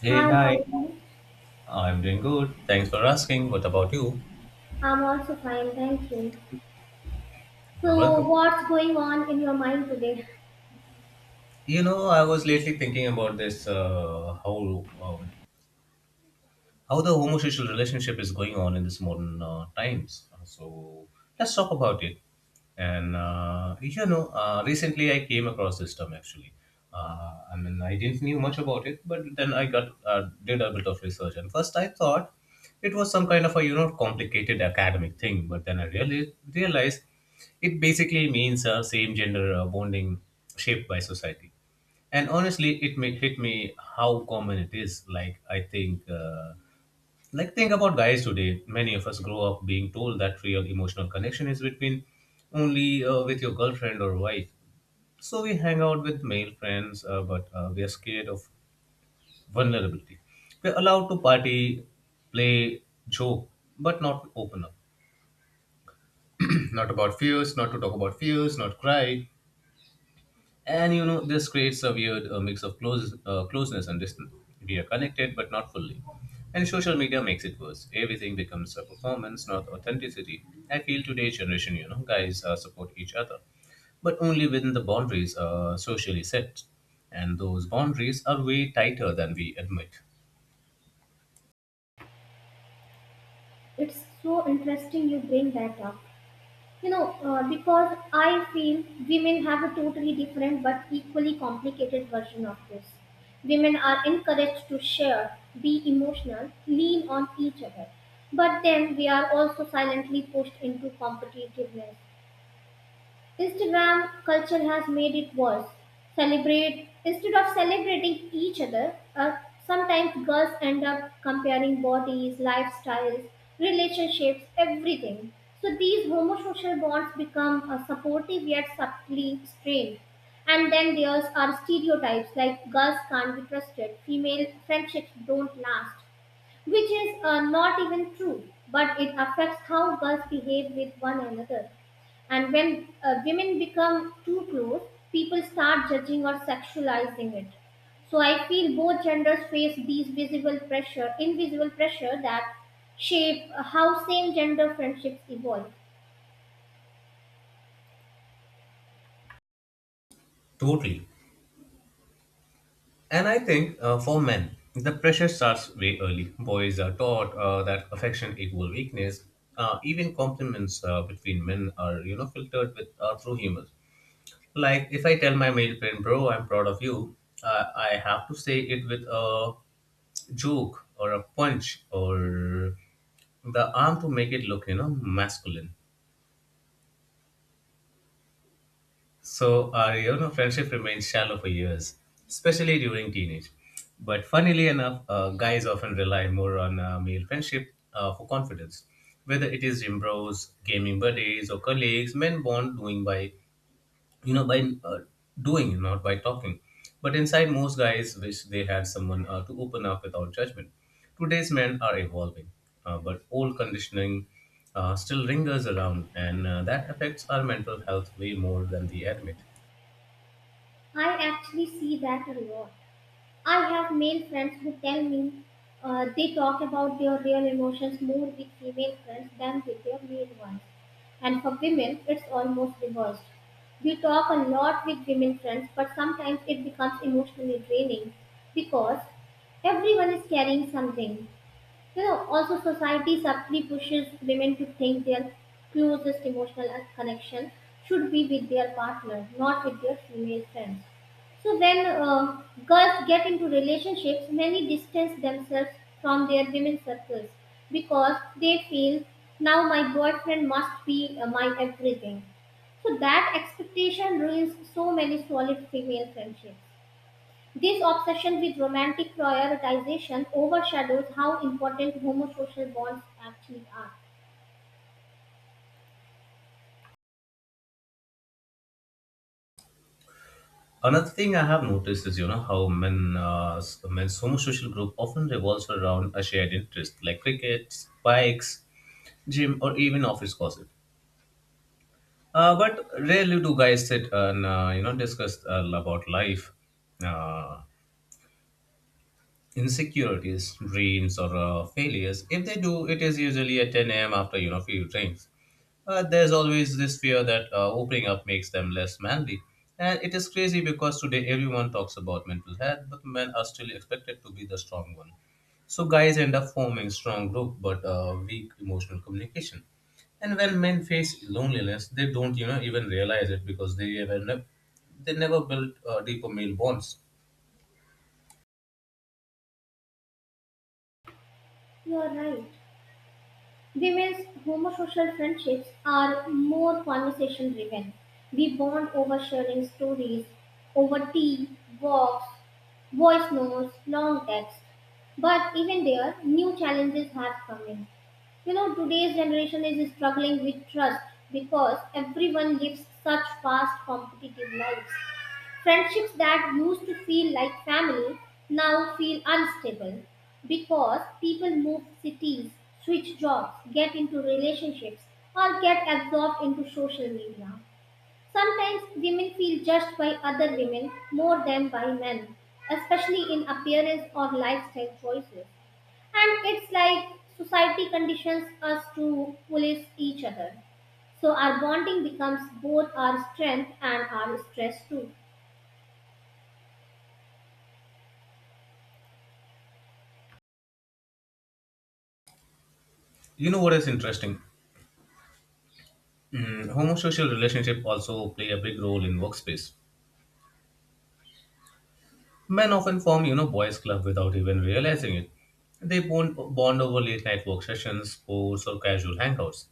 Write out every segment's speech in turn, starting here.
Hey, Hi, how are hi. you? I'm doing good. Thanks for asking. What about you? I'm also fine, thank you. You're So, welcome. what's going on in your mind today? You know, I was lately thinking about this whole how the homosexual relationship is going on in this modern times. So let's talk about it. And you know, recently I came across this term actually. I mean, I didn't knew much about it, but then I got did a bit of research. And first, I thought it was some kind of a you know complicated academic thing, but then I really realized it basically means same gender bonding shaped by society, and honestly it may hit me how common it is. Like I think like think about guys today. Many of us grow up being told that real emotional connection is between only with your girlfriend or wife. So we hang out with male friends but we are scared of vulnerability. We're allowed to party, play, joke, but not open up. Not to talk about fears, not cry. And you know, this creates a weird mix of closeness and distance. We are connected, but not fully. And social media makes it worse. Everything becomes a performance, not authenticity. I feel today's generation, you know, guys support each other, but only within the boundaries socially set. And those boundaries are way tighter than we admit. It's so interesting you bring that up. Because I feel women have a totally different but equally complicated version of this. Women are encouraged to share, be emotional, lean on each other. But then we are also silently pushed into competitiveness. Instagram culture has made it worse. Celebrate instead of celebrating each other, sometimes girls end up comparing bodies, lifestyles, relationships, everything. So these homosocial bonds become supportive yet subtly strained. And then there's our stereotypes like girls can't be trusted, female friendships don't last, which is not even true, but it affects how girls behave with one another. And when women become too close, people start judging or sexualizing it. So I feel both genders face these visible pressure, invisible pressure that shape how same gender friendships evolve. Totally. And I think for men, the pressure starts way early. Boys are taught that affection equal weakness. Even compliments between men are, you know, filtered with through humor. Like if I tell my male friend, "Bro, I'm proud of you," I have to say it with a joke or a punch or the arm to make it look, you know, masculine. So our you know friendship remains shallow for years, especially during teenage. But funnily enough, guys often rely more on male friendship for confidence. Whether it is gym bros, gaming buddies, or colleagues, men bond doing by you know by doing, not by talking. But inside, most guys wish they had someone to open up without judgment. Today's men are evolving, but old conditioning still lingers around, and that affects our mental health way more than we admit. I actually see that a lot. I have male friends who tell me they talk about their real emotions more with female friends than with their male ones. And for women, it's almost reversed. We talk a lot with women friends, but sometimes it becomes emotionally draining because everyone is carrying something. You know, also society subtly pushes women to think their closest emotional connection should be with their partner, not with their female friends. So when girls get into relationships, many distance themselves from their women circles because they feel now my boyfriend must be my everything. So that expectation ruins so many solid female friendships. This obsession with romantic prioritization overshadows how important homosocial bonds actually are. Another thing I have noticed is, you know, how men's homosocial group often revolves around a shared interest like cricket, bikes, gym, or even office gossip. But rarely do guys sit and, you know, discuss about life. Uh, Insecurities, dreams, or failures. If they do, it is usually at 10 a.m. after you know few drinks. But there's always this fear that opening up makes them less manly. And it is crazy because today everyone talks about mental health, but men are still expected to be the strong one. So guys end up forming strong group but weak emotional communication. And when men face loneliness, they don't you know even realize it because they never built deeper male bonds. You are right. Women's homosocial friendships are more conversation driven. We bond over sharing stories, over tea, walks, voice notes, long texts. But even there, new challenges have come in. You know, today's generation is struggling with trust because everyone lives such fast, competitive lives. Friendships that used to feel like family now feel unstable because people move cities, switch jobs, get into relationships, or get absorbed into social media. Sometimes women feel judged by other women more than by men, especially in appearance or lifestyle choices. And it's like society conditions us to police each other. So our bonding becomes both our strength and our stress too. You know what is interesting? Homosocial relationship also play a big role in workspace. Men often form, you know, boys' club without even realizing it. They bond over late night work sessions, sports, or casual hangouts.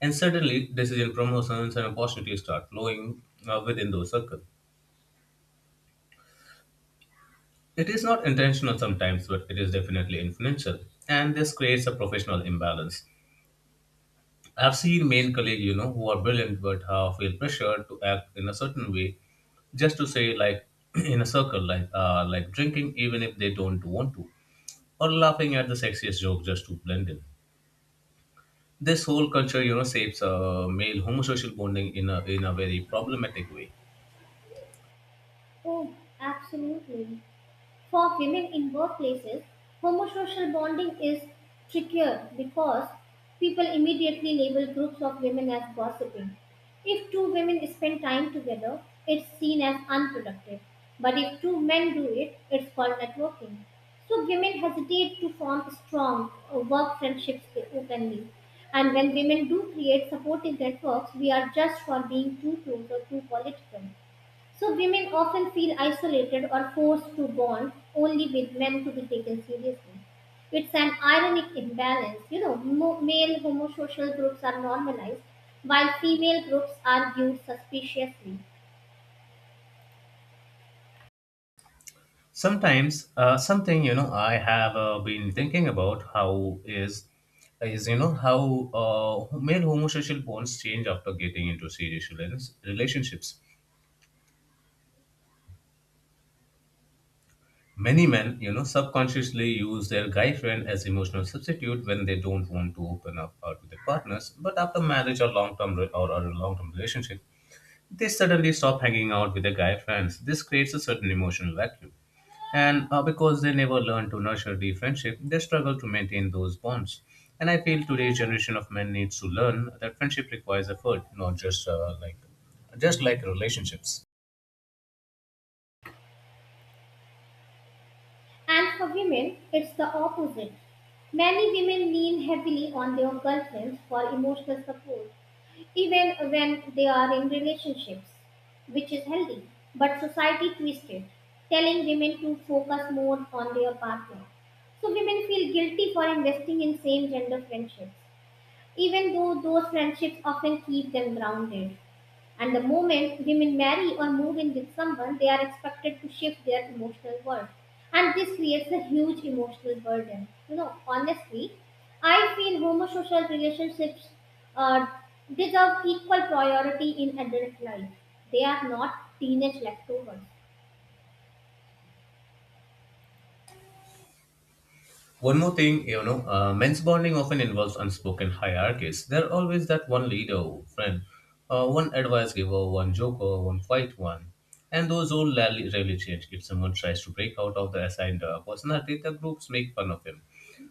And suddenly, decision promotions and opportunities start flowing within those circles. It is not intentional sometimes, but it is definitely influential. And this creates a professional imbalance. I've seen male colleagues, you know, who are brilliant but feel pressured to act in a certain way, just to say like in a circle, like drinking even if they don't want to, or laughing at the sexiest joke just to blend in. This whole culture, you know, shapes male homosocial bonding in a very problematic way. Oh, absolutely. For women in workplaces, homosocial bonding is trickier because people immediately label groups of women as gossiping. If two women spend time together, it's seen as unproductive. But if two men do it, it's called networking. So women hesitate to form strong work friendships openly. And when women do create supportive networks, we are judged for being too close or too political. So women often feel isolated or forced to bond only with men to be taken seriously. It's an ironic imbalance. Male homosocial groups are normalized while female groups are viewed suspiciously. Sometimes, something you know, I have been thinking about how is you know how male homosexual bonds change after getting into serious relationships. Many men, you know, subconsciously use their guy friend as emotional substitute when they don't want to open up to their partners. But after marriage or a long-term relationship, they suddenly stop hanging out with their guy friends. This creates a certain emotional vacuum, and because they never learn to nurture the friendship, they struggle to maintain those bonds. And I feel today's generation of men needs to learn that friendship requires effort, not just like just like relationships. And for women, it's the opposite. Many women lean heavily on their girlfriends for emotional support, even when they are in relationships, which is healthy. But society twists it, telling women to focus more on their partner. So women feel guilty for investing in same gender friendships, even though those friendships often keep them grounded. And the moment women marry or move in with someone, they are expected to shift their emotional world. And this creates a huge emotional burden. You know, honestly, I feel homosocial relationships uh, deserve equal priority in adult life. They are not teenage leftovers. One more thing, you know, men's bonding often involves unspoken hierarchies. There are always that one leader, or friend, one advice giver, one joker, one quiet one. And those all rarely change. If someone tries to break out of the assigned personality, the groups make fun of him.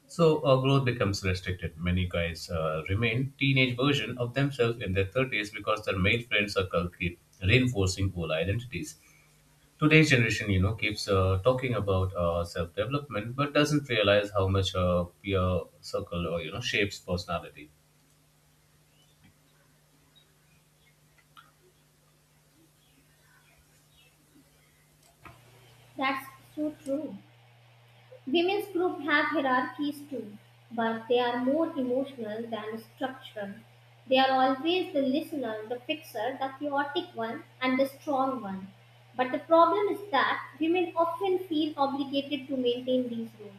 So growth becomes restricted. Many guys remain teenage version of themselves in their 30s because their male friend circle keep reinforcing old identities. Today's generation, you know, keeps talking about self development, but doesn't realize how much peer circle or you know shapes personality. That's so true. Women's groups have hierarchies too, but they are more emotional than structural. They are always the listener, the fixer, the chaotic one, and the strong one. But the problem is that women often feel obligated to maintain these roles.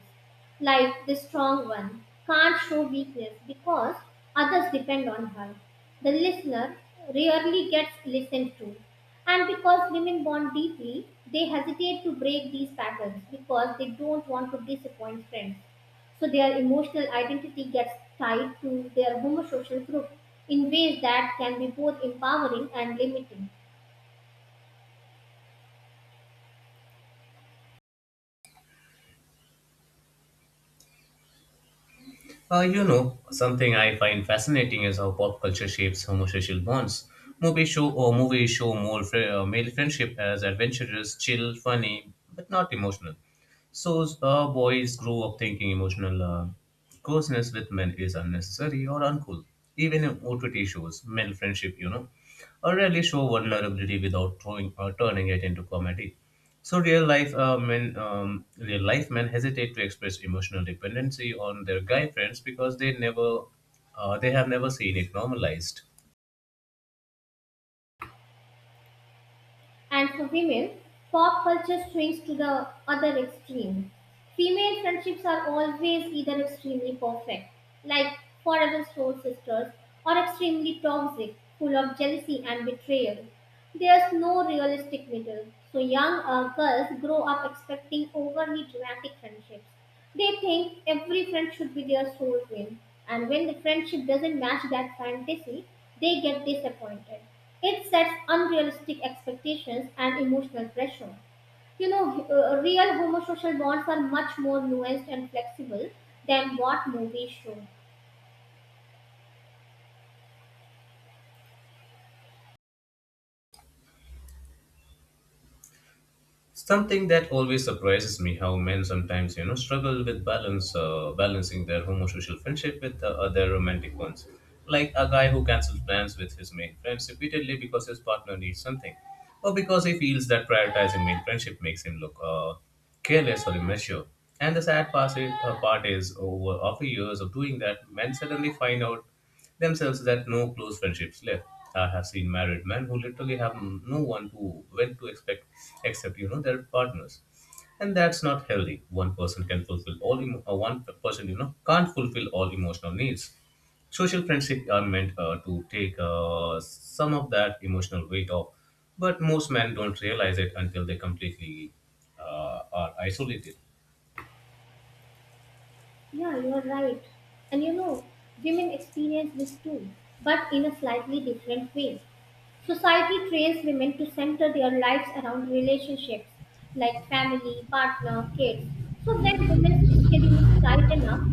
Life, the strong one, can't show weakness because others depend on her. The listener rarely gets listened to. And because women bond deeply, they hesitate to break these patterns because they don't want to disappoint friends. So their emotional identity gets tied to their homosocial group in ways that can be both empowering and limiting. You know, something I find fascinating is how pop culture shapes homosocial bonds. Movies show more male friendship as adventurous, chill, funny, but not emotional. So boys grow up thinking emotional closeness with men is unnecessary or uncool. Even in OTT shows, male friendship, you know, or rarely show vulnerability without throwing or turning it into comedy. So real life men hesitate to express emotional dependency on their guy friends because they have never seen it normalized. And for women, pop culture swings to the other extreme. Female friendships are always either extremely perfect, like forever soul sisters, or extremely toxic, full of jealousy and betrayal. There's no realistic middle, so young girls grow up expecting overly dramatic friendships. They think every friend should be their soulmate, and when the friendship doesn't match that fantasy, they get disappointed. It sets unrealistic expectations and emotional pressure. Real homosocial bonds are much more nuanced and flexible than what movies show. Something that always surprises me how men sometimes, you know, struggle with balancing their homosocial friendship with their romantic ones. Like a guy who cancels plans with his male friends repeatedly because his partner needs something, or because he feels that prioritizing male friendship makes him look careless or immature. And the sad part is over after years of doing that, men suddenly find out themselves that no close friendships left. I have seen married men who literally have no one to when to expect except you know their partners, and that's not healthy. One person you know can't fulfill all emotional needs. Social friendships are meant to take some of that emotional weight off, but most men don't realize it until they completely are isolated. Yeah, you are right. And you know, women experience this too, but in a slightly different way. Society trains women to center their lives around relationships like family, partner, kids. So when women's schedules tighten up,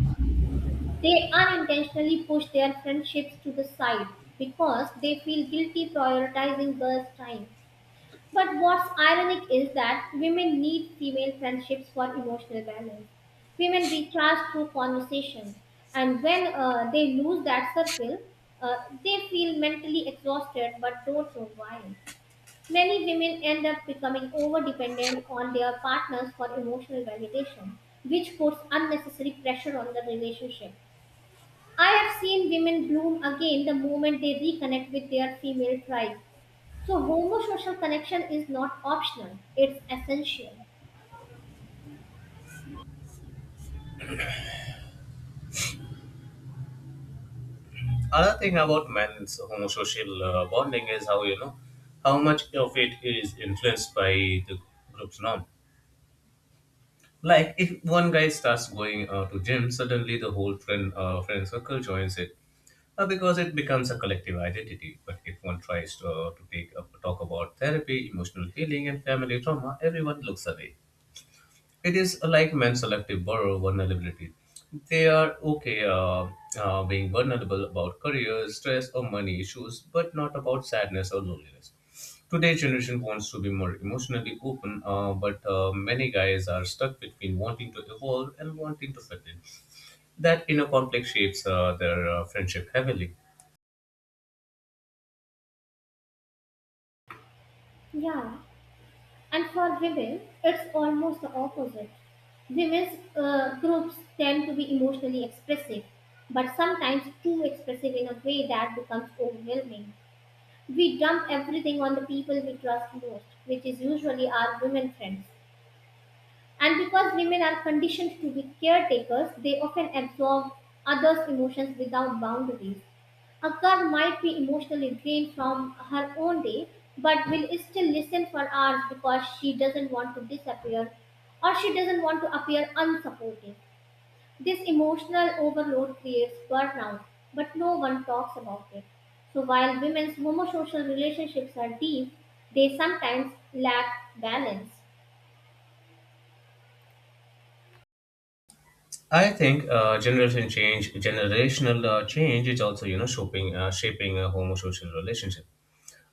they unintentionally push their friendships to the side because they feel guilty prioritizing girls' time. But what's ironic is that women need female friendships for emotional balance. Women recharge through conversation, and when they lose that circle, uh, they feel mentally exhausted but don't know why. Many women end up becoming over dependent on their partners for emotional validation, which puts unnecessary pressure on the relationship. I have seen women bloom again the moment they reconnect with their female tribe, so homosocial connection is not optional, it's essential. Another thing about men's homosocial bonding is how you know how much of it is influenced by the group's norm. Like if one guy starts going to gym, suddenly the whole friend circle joins it because it becomes a collective identity. But if one tries to, talk about therapy, emotional healing, and family trauma, everyone looks away. It is like men's selective borrow vulnerability. They are okay being vulnerable about career, stress, or money issues, but not about sadness or loneliness. Today's generation wants to be more emotionally open, but many guys are stuck between wanting to evolve and wanting to fit in. That inner conflict shapes their friendship heavily. Yeah, and for women, it's almost the opposite. Women's groups tend to be emotionally expressive, but sometimes too expressive in a way that becomes overwhelming. We dump everything on the people we trust most, which is usually our women friends. And because women are conditioned to be caretakers, they often absorb others' emotions without boundaries. Akkar might be emotionally drained from her own day, but will still listen for hours because she doesn't want to disappear or she doesn't want to appear unsupportive. This emotional overload creates burnout, but no one talks about it. So while women's homosocial relationships are deep, they sometimes lack balance. I think generational change is also you know shaping a homosocial relationship.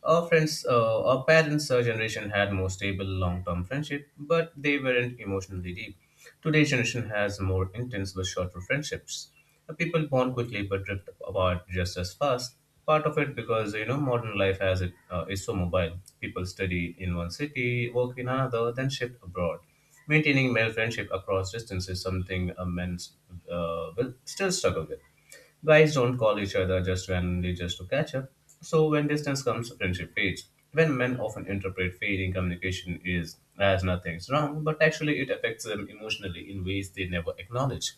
Our parents' generation had more stable long-term friendship, but they weren't emotionally deep. Today's generation has more intense but shorter friendships. People bond quickly but drift apart just as fast. Part of it because you know modern life has it is so mobile. People study in one city, work in another, then shift abroad. Maintaining male friendship across distance is something men will still struggle with. Guys don't call each other just randomly just to catch up. So when distance comes, friendship fades. When men often interpret fading communication is as nothing's wrong, but actually it affects them emotionally in ways they never acknowledge.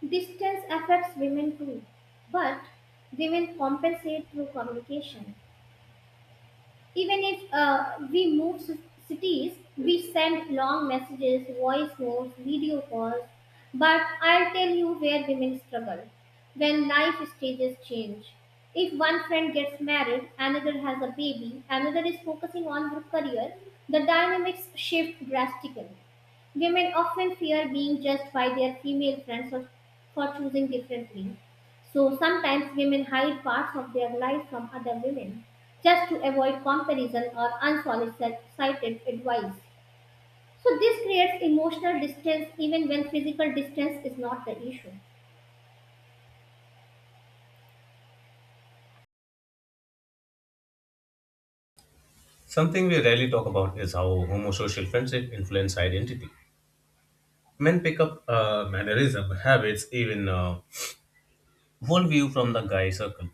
Distance affects women too, but women compensate through communication. Even if we cities, we send long messages, voice notes, video calls. But I'll tell you where women struggle when life stages change. If one friend gets married, another has a baby, another is focusing on her career, the dynamics shift drastically. Women often fear being judged by their female friends for choosing differently. So sometimes women hide parts of their lives from other women just to avoid comparison or unsolicited advice. So this creates emotional distance even when physical distance is not the issue. Something we rarely talk about is how homosocial friendship influence identity. Men pick up mannerism, habits, even worldview from the guy circle.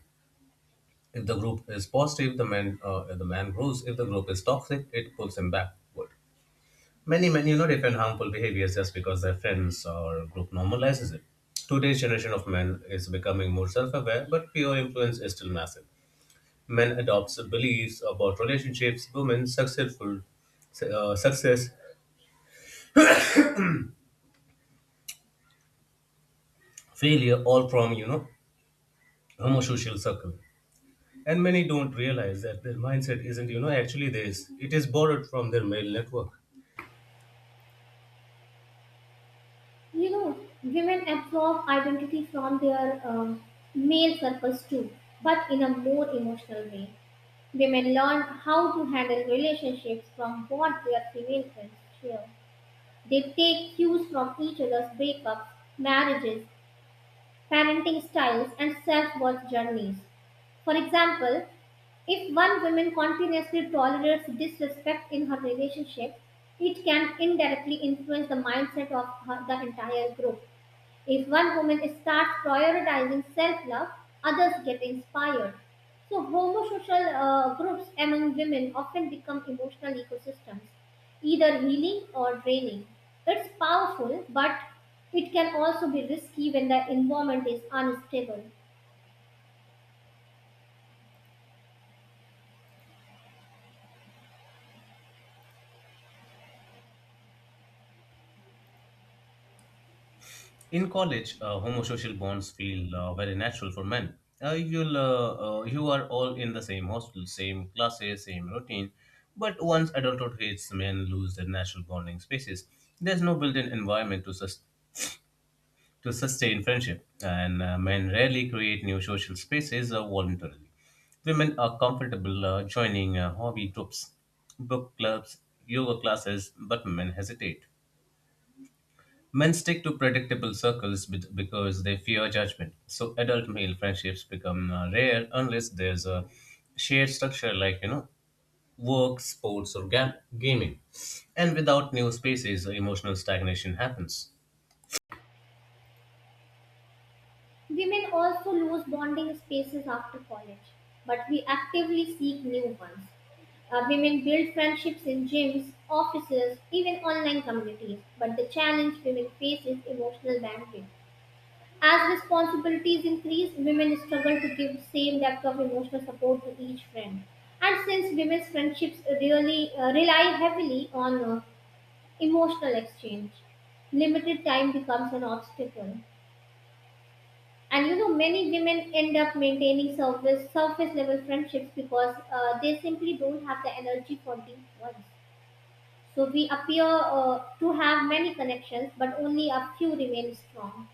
If the group is positive, the man grows. If the group is toxic, it pulls him backward. Many men, you know, defend harmful behaviors just because their friends or group normalizes it. Today's generation of men is becoming more self-aware, but peer influence is still massive. Men adopts beliefs about relationships, women, success, failure, all from you know homosocial circle. And many don't realize that their mindset isn't you know actually this. It is borrowed from their male network. You know, women absorb identity from their male circles too, but in a more emotional way. Women learn how to handle relationships from what their female friends share. They take cues from each other's breakups, marriages, parenting styles, and self worth journeys. For example, if one woman continuously tolerates disrespect in her relationship, it can indirectly influence the mindset of her, the entire group. If one woman starts prioritizing self love, others get inspired. So, homosocial groups among women often become emotional ecosystems, either healing or draining. It's powerful, but it can also be risky when the environment is unstable. In college, homosocial bonds feel very natural for men. You are all in the same hostel, same classes, same routine. But once adulthood hits, men lose their natural bonding spaces. There's no built-in environment to, to sustain friendship, and men rarely create new social spaces voluntarily. Women are comfortable joining hobby groups, book clubs, yoga classes, but men hesitate. Men stick to predictable circles because they fear judgment. So adult male friendships become rare unless there's a shared structure like, you know, work, sports, or gaming. And without new spaces, emotional stagnation happens. Women also lose bonding spaces after college, but we actively seek new ones. Women build friendships in gyms, offices, even online communities, but the challenge women face is emotional bandwidth. As responsibilities increase, women struggle to give the same depth of emotional support to each friend. And since women's friendships really rely heavily on emotional exchange, limited time becomes an obstacle, and you know many women end up maintaining surface level friendships because they simply don't have the energy for deep ones. So we appear to have many connections but only a few remain strong.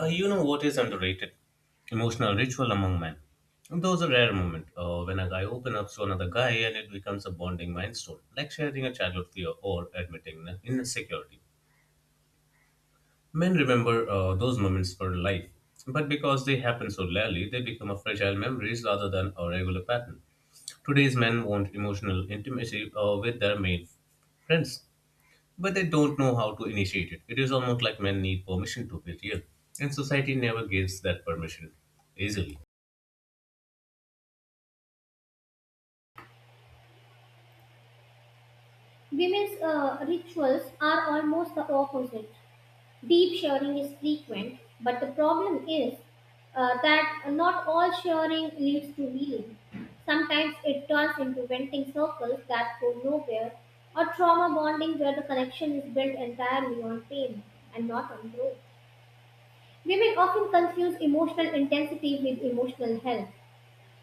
You know what is underrated? Emotional ritual among men. And those are rare moments when a guy opens up to another guy and it becomes a bonding milestone, like sharing a childhood fear or admitting an insecurity. Men remember those moments for life, but because they happen so rarely, they become a fragile memories rather than a regular pattern. Today's men want emotional intimacy with their male friends, but they don't know how to initiate it. It is almost like men need permission to be real, and society never gives that permission easily. Women's rituals are almost the opposite. Deep shearing is frequent, but the problem is that not all shearing leads to healing. Sometimes it turns into venting circles that go nowhere, or trauma bonding where the connection is built entirely on pain and not on growth. Women often confuse emotional intensity with emotional health.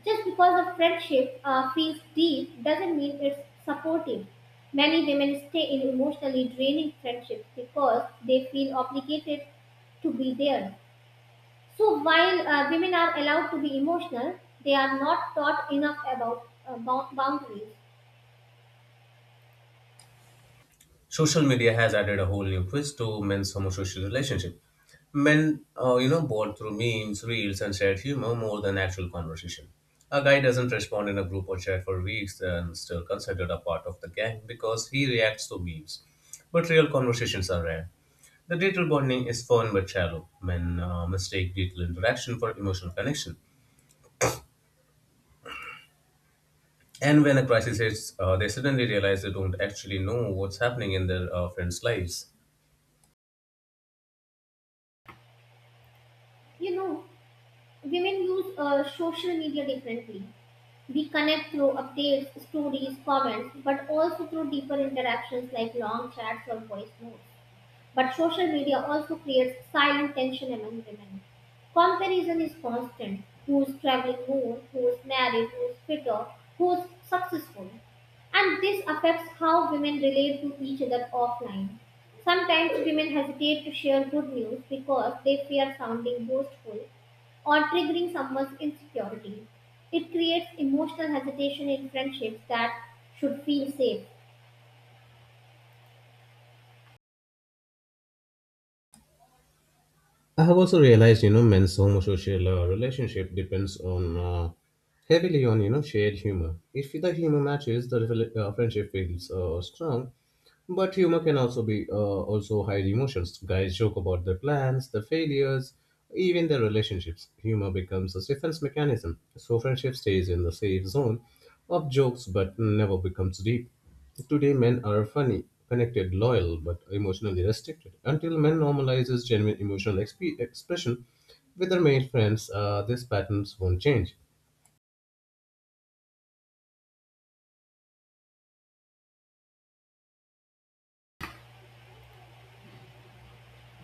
Just because a friendship feels deep doesn't mean it's supportive. Many women stay in emotionally draining friendships because they feel obligated to be there. So while women are allowed to be emotional, they are not taught enough about boundaries. Social media has added a whole new twist to men's homosocial relationship. Men, you know, bond through memes, reels, and shared humor more than actual conversation. A guy doesn't respond in a group or chat for weeks and still considered a part of the gang because he reacts to memes. But real conversations are rare. The digital bonding is fun but shallow. Men mistake digital interaction for emotional connection. And when a crisis hits, they suddenly realize they don't actually know what's happening in their friends' lives. You know, women use social media differently. We connect through updates, stories, comments, but also through deeper interactions like long chats or voice notes. But social media also creates silent tension among women. Comparison is constant. Who's traveling more, who's married, who's fitter, who's successful. And this affects how women relate to each other offline. Sometimes women hesitate to share good news because they fear sounding boastful or triggering someone's insecurity. It creates emotional hesitation in friendships that should feel safe. I have also realized, you know, men's homosocial relationship depends on heavily on you know shared humor. If the humor matches, the friendship feels strong. But humor can also be also hide emotions. Guys joke about their plans, their failures, even their relationships. Humor becomes a defense mechanism, so friendship stays in the safe zone of jokes but never becomes deep. Today, men are funny, connected, loyal, but emotionally restricted. Until men normalizes genuine emotional expression with their male friends, these patterns won't change.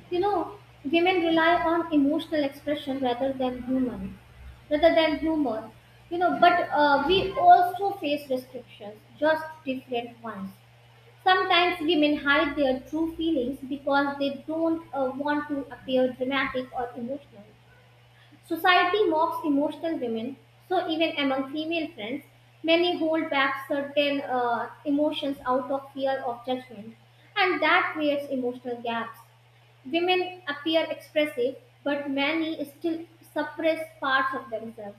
You know, women rely on emotional expression rather than humor. You know, but we also face restrictions, just different ones. Sometimes women hide their true feelings because they don't want to appear dramatic or emotional. Society mocks emotional women, so even among female friends, many hold back certain emotions out of fear of judgment, and that creates emotional gaps. Women appear expressive, but many still suppress parts of themselves.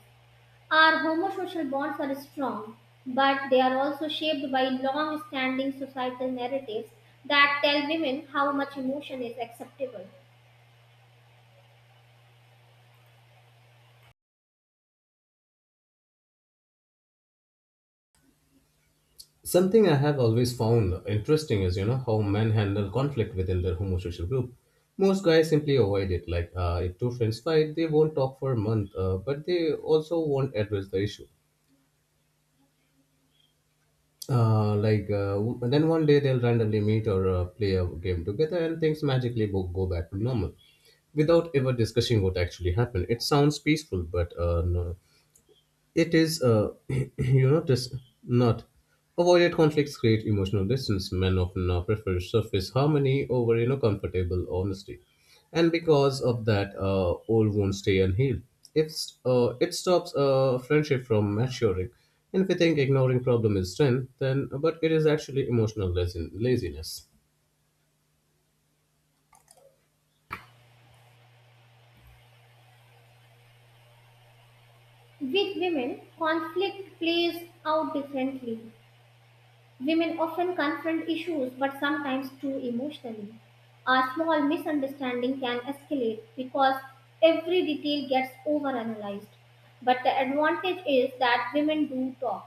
Our homosocial bonds are strong, but they are also shaped by long standing societal narratives that tell women how much emotion is acceptable. Something I have always found interesting is, you know, how men handle conflict within their homosexual group. Most guys simply avoid it. Like, if two friends fight, they won't talk for a month, but they also won't address the issue. Then one day they'll randomly meet or play a game together, and things magically go back to normal without ever discussing what actually happened. It sounds peaceful, but no, it is, you know, just not. Avoided conflicts create emotional distance. Men often now prefer surface harmony over, you know, comfortable honesty. And because of that, all wounds stay unhealed. If, It stops a friendship from maturing. And if we think ignoring problem is strength, then, but it is actually emotional laziness. With women, conflict plays out differently. Women often confront issues, but sometimes too emotionally. A small misunderstanding can escalate because every detail gets overanalyzed. But the advantage is that women do talk.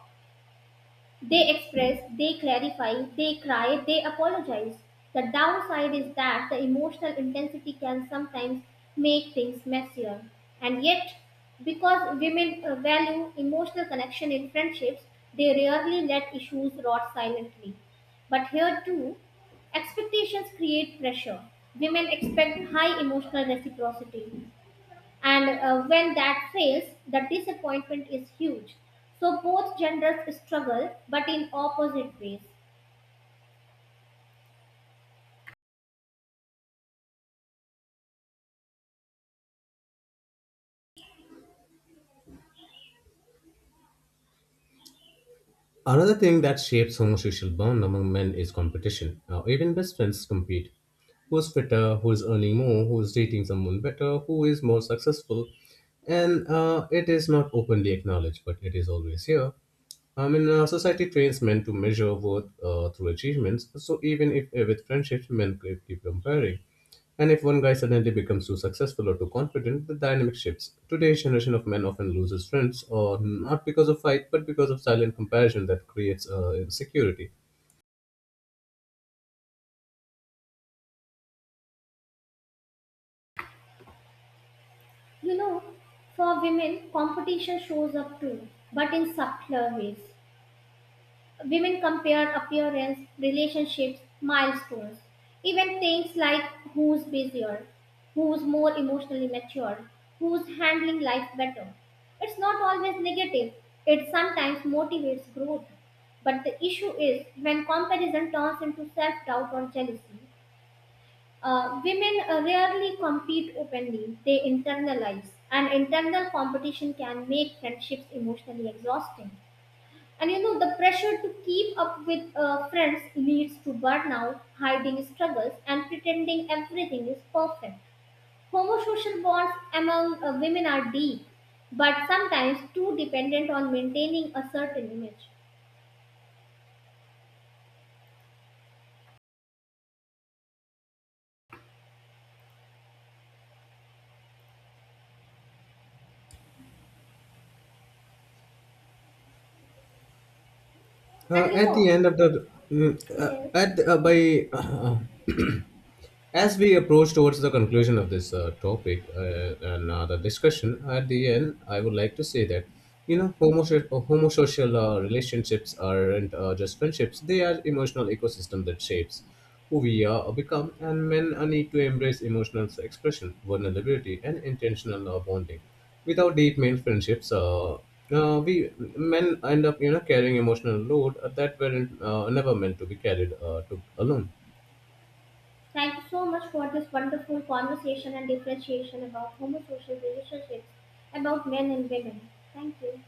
They express, they clarify, they cry, they apologize. The downside is that the emotional intensity can sometimes make things messier. And yet, because women value emotional connection in friendships, they rarely let issues rot silently. But here too, expectations create pressure. Women expect high emotional reciprocity, and when that fails, the disappointment is huge. So both genders struggle but in opposite ways. Another thing that shapes homosexual bond among men is competition. Now, even best friends compete. Who's fitter? Who is earning more? Who is dating someone better? Who is more successful? And it is not openly acknowledged, but it is always here. I mean, society trains men to measure worth through achievements. So even if with friendships, men keep comparing. And if one guy suddenly becomes too successful or too confident, the dynamic shifts. Today's generation of men often loses friends, or not because of fight, but because of silent comparison that creates insecurity. You know, for women competition shows up too, but in subtler ways. Women compare appearance, relationships, milestones, even things like who's busier, who's more emotionally mature, who's handling life better. It's not always negative, it sometimes motivates growth. But the issue is when comparison turns into self doubt or jealousy. Women rarely compete openly, they internalize, and internal competition can make friendships emotionally exhausting. And you know, the pressure to keep up with friends leads to burnout, hiding struggles, and pretending everything is perfect. Homosocial bonds among women are deep, but sometimes too dependent on maintaining a certain image. And you At the know, end of the, mm, yes, at by As we approach towards the conclusion of this topic and the discussion, at the end, I would like to say that you know homosocial relationships aren't just friendships; they are emotional ecosystem that shapes who we are or become. And men need to embrace emotional expression, vulnerability, and intentional bonding. Without deep male friendships, we men end up you know carrying emotional load that weren't never meant to be carried to alone. thank you so much for this wonderful conversation and differentiation about homosocial relationships, about men and women. Thank you.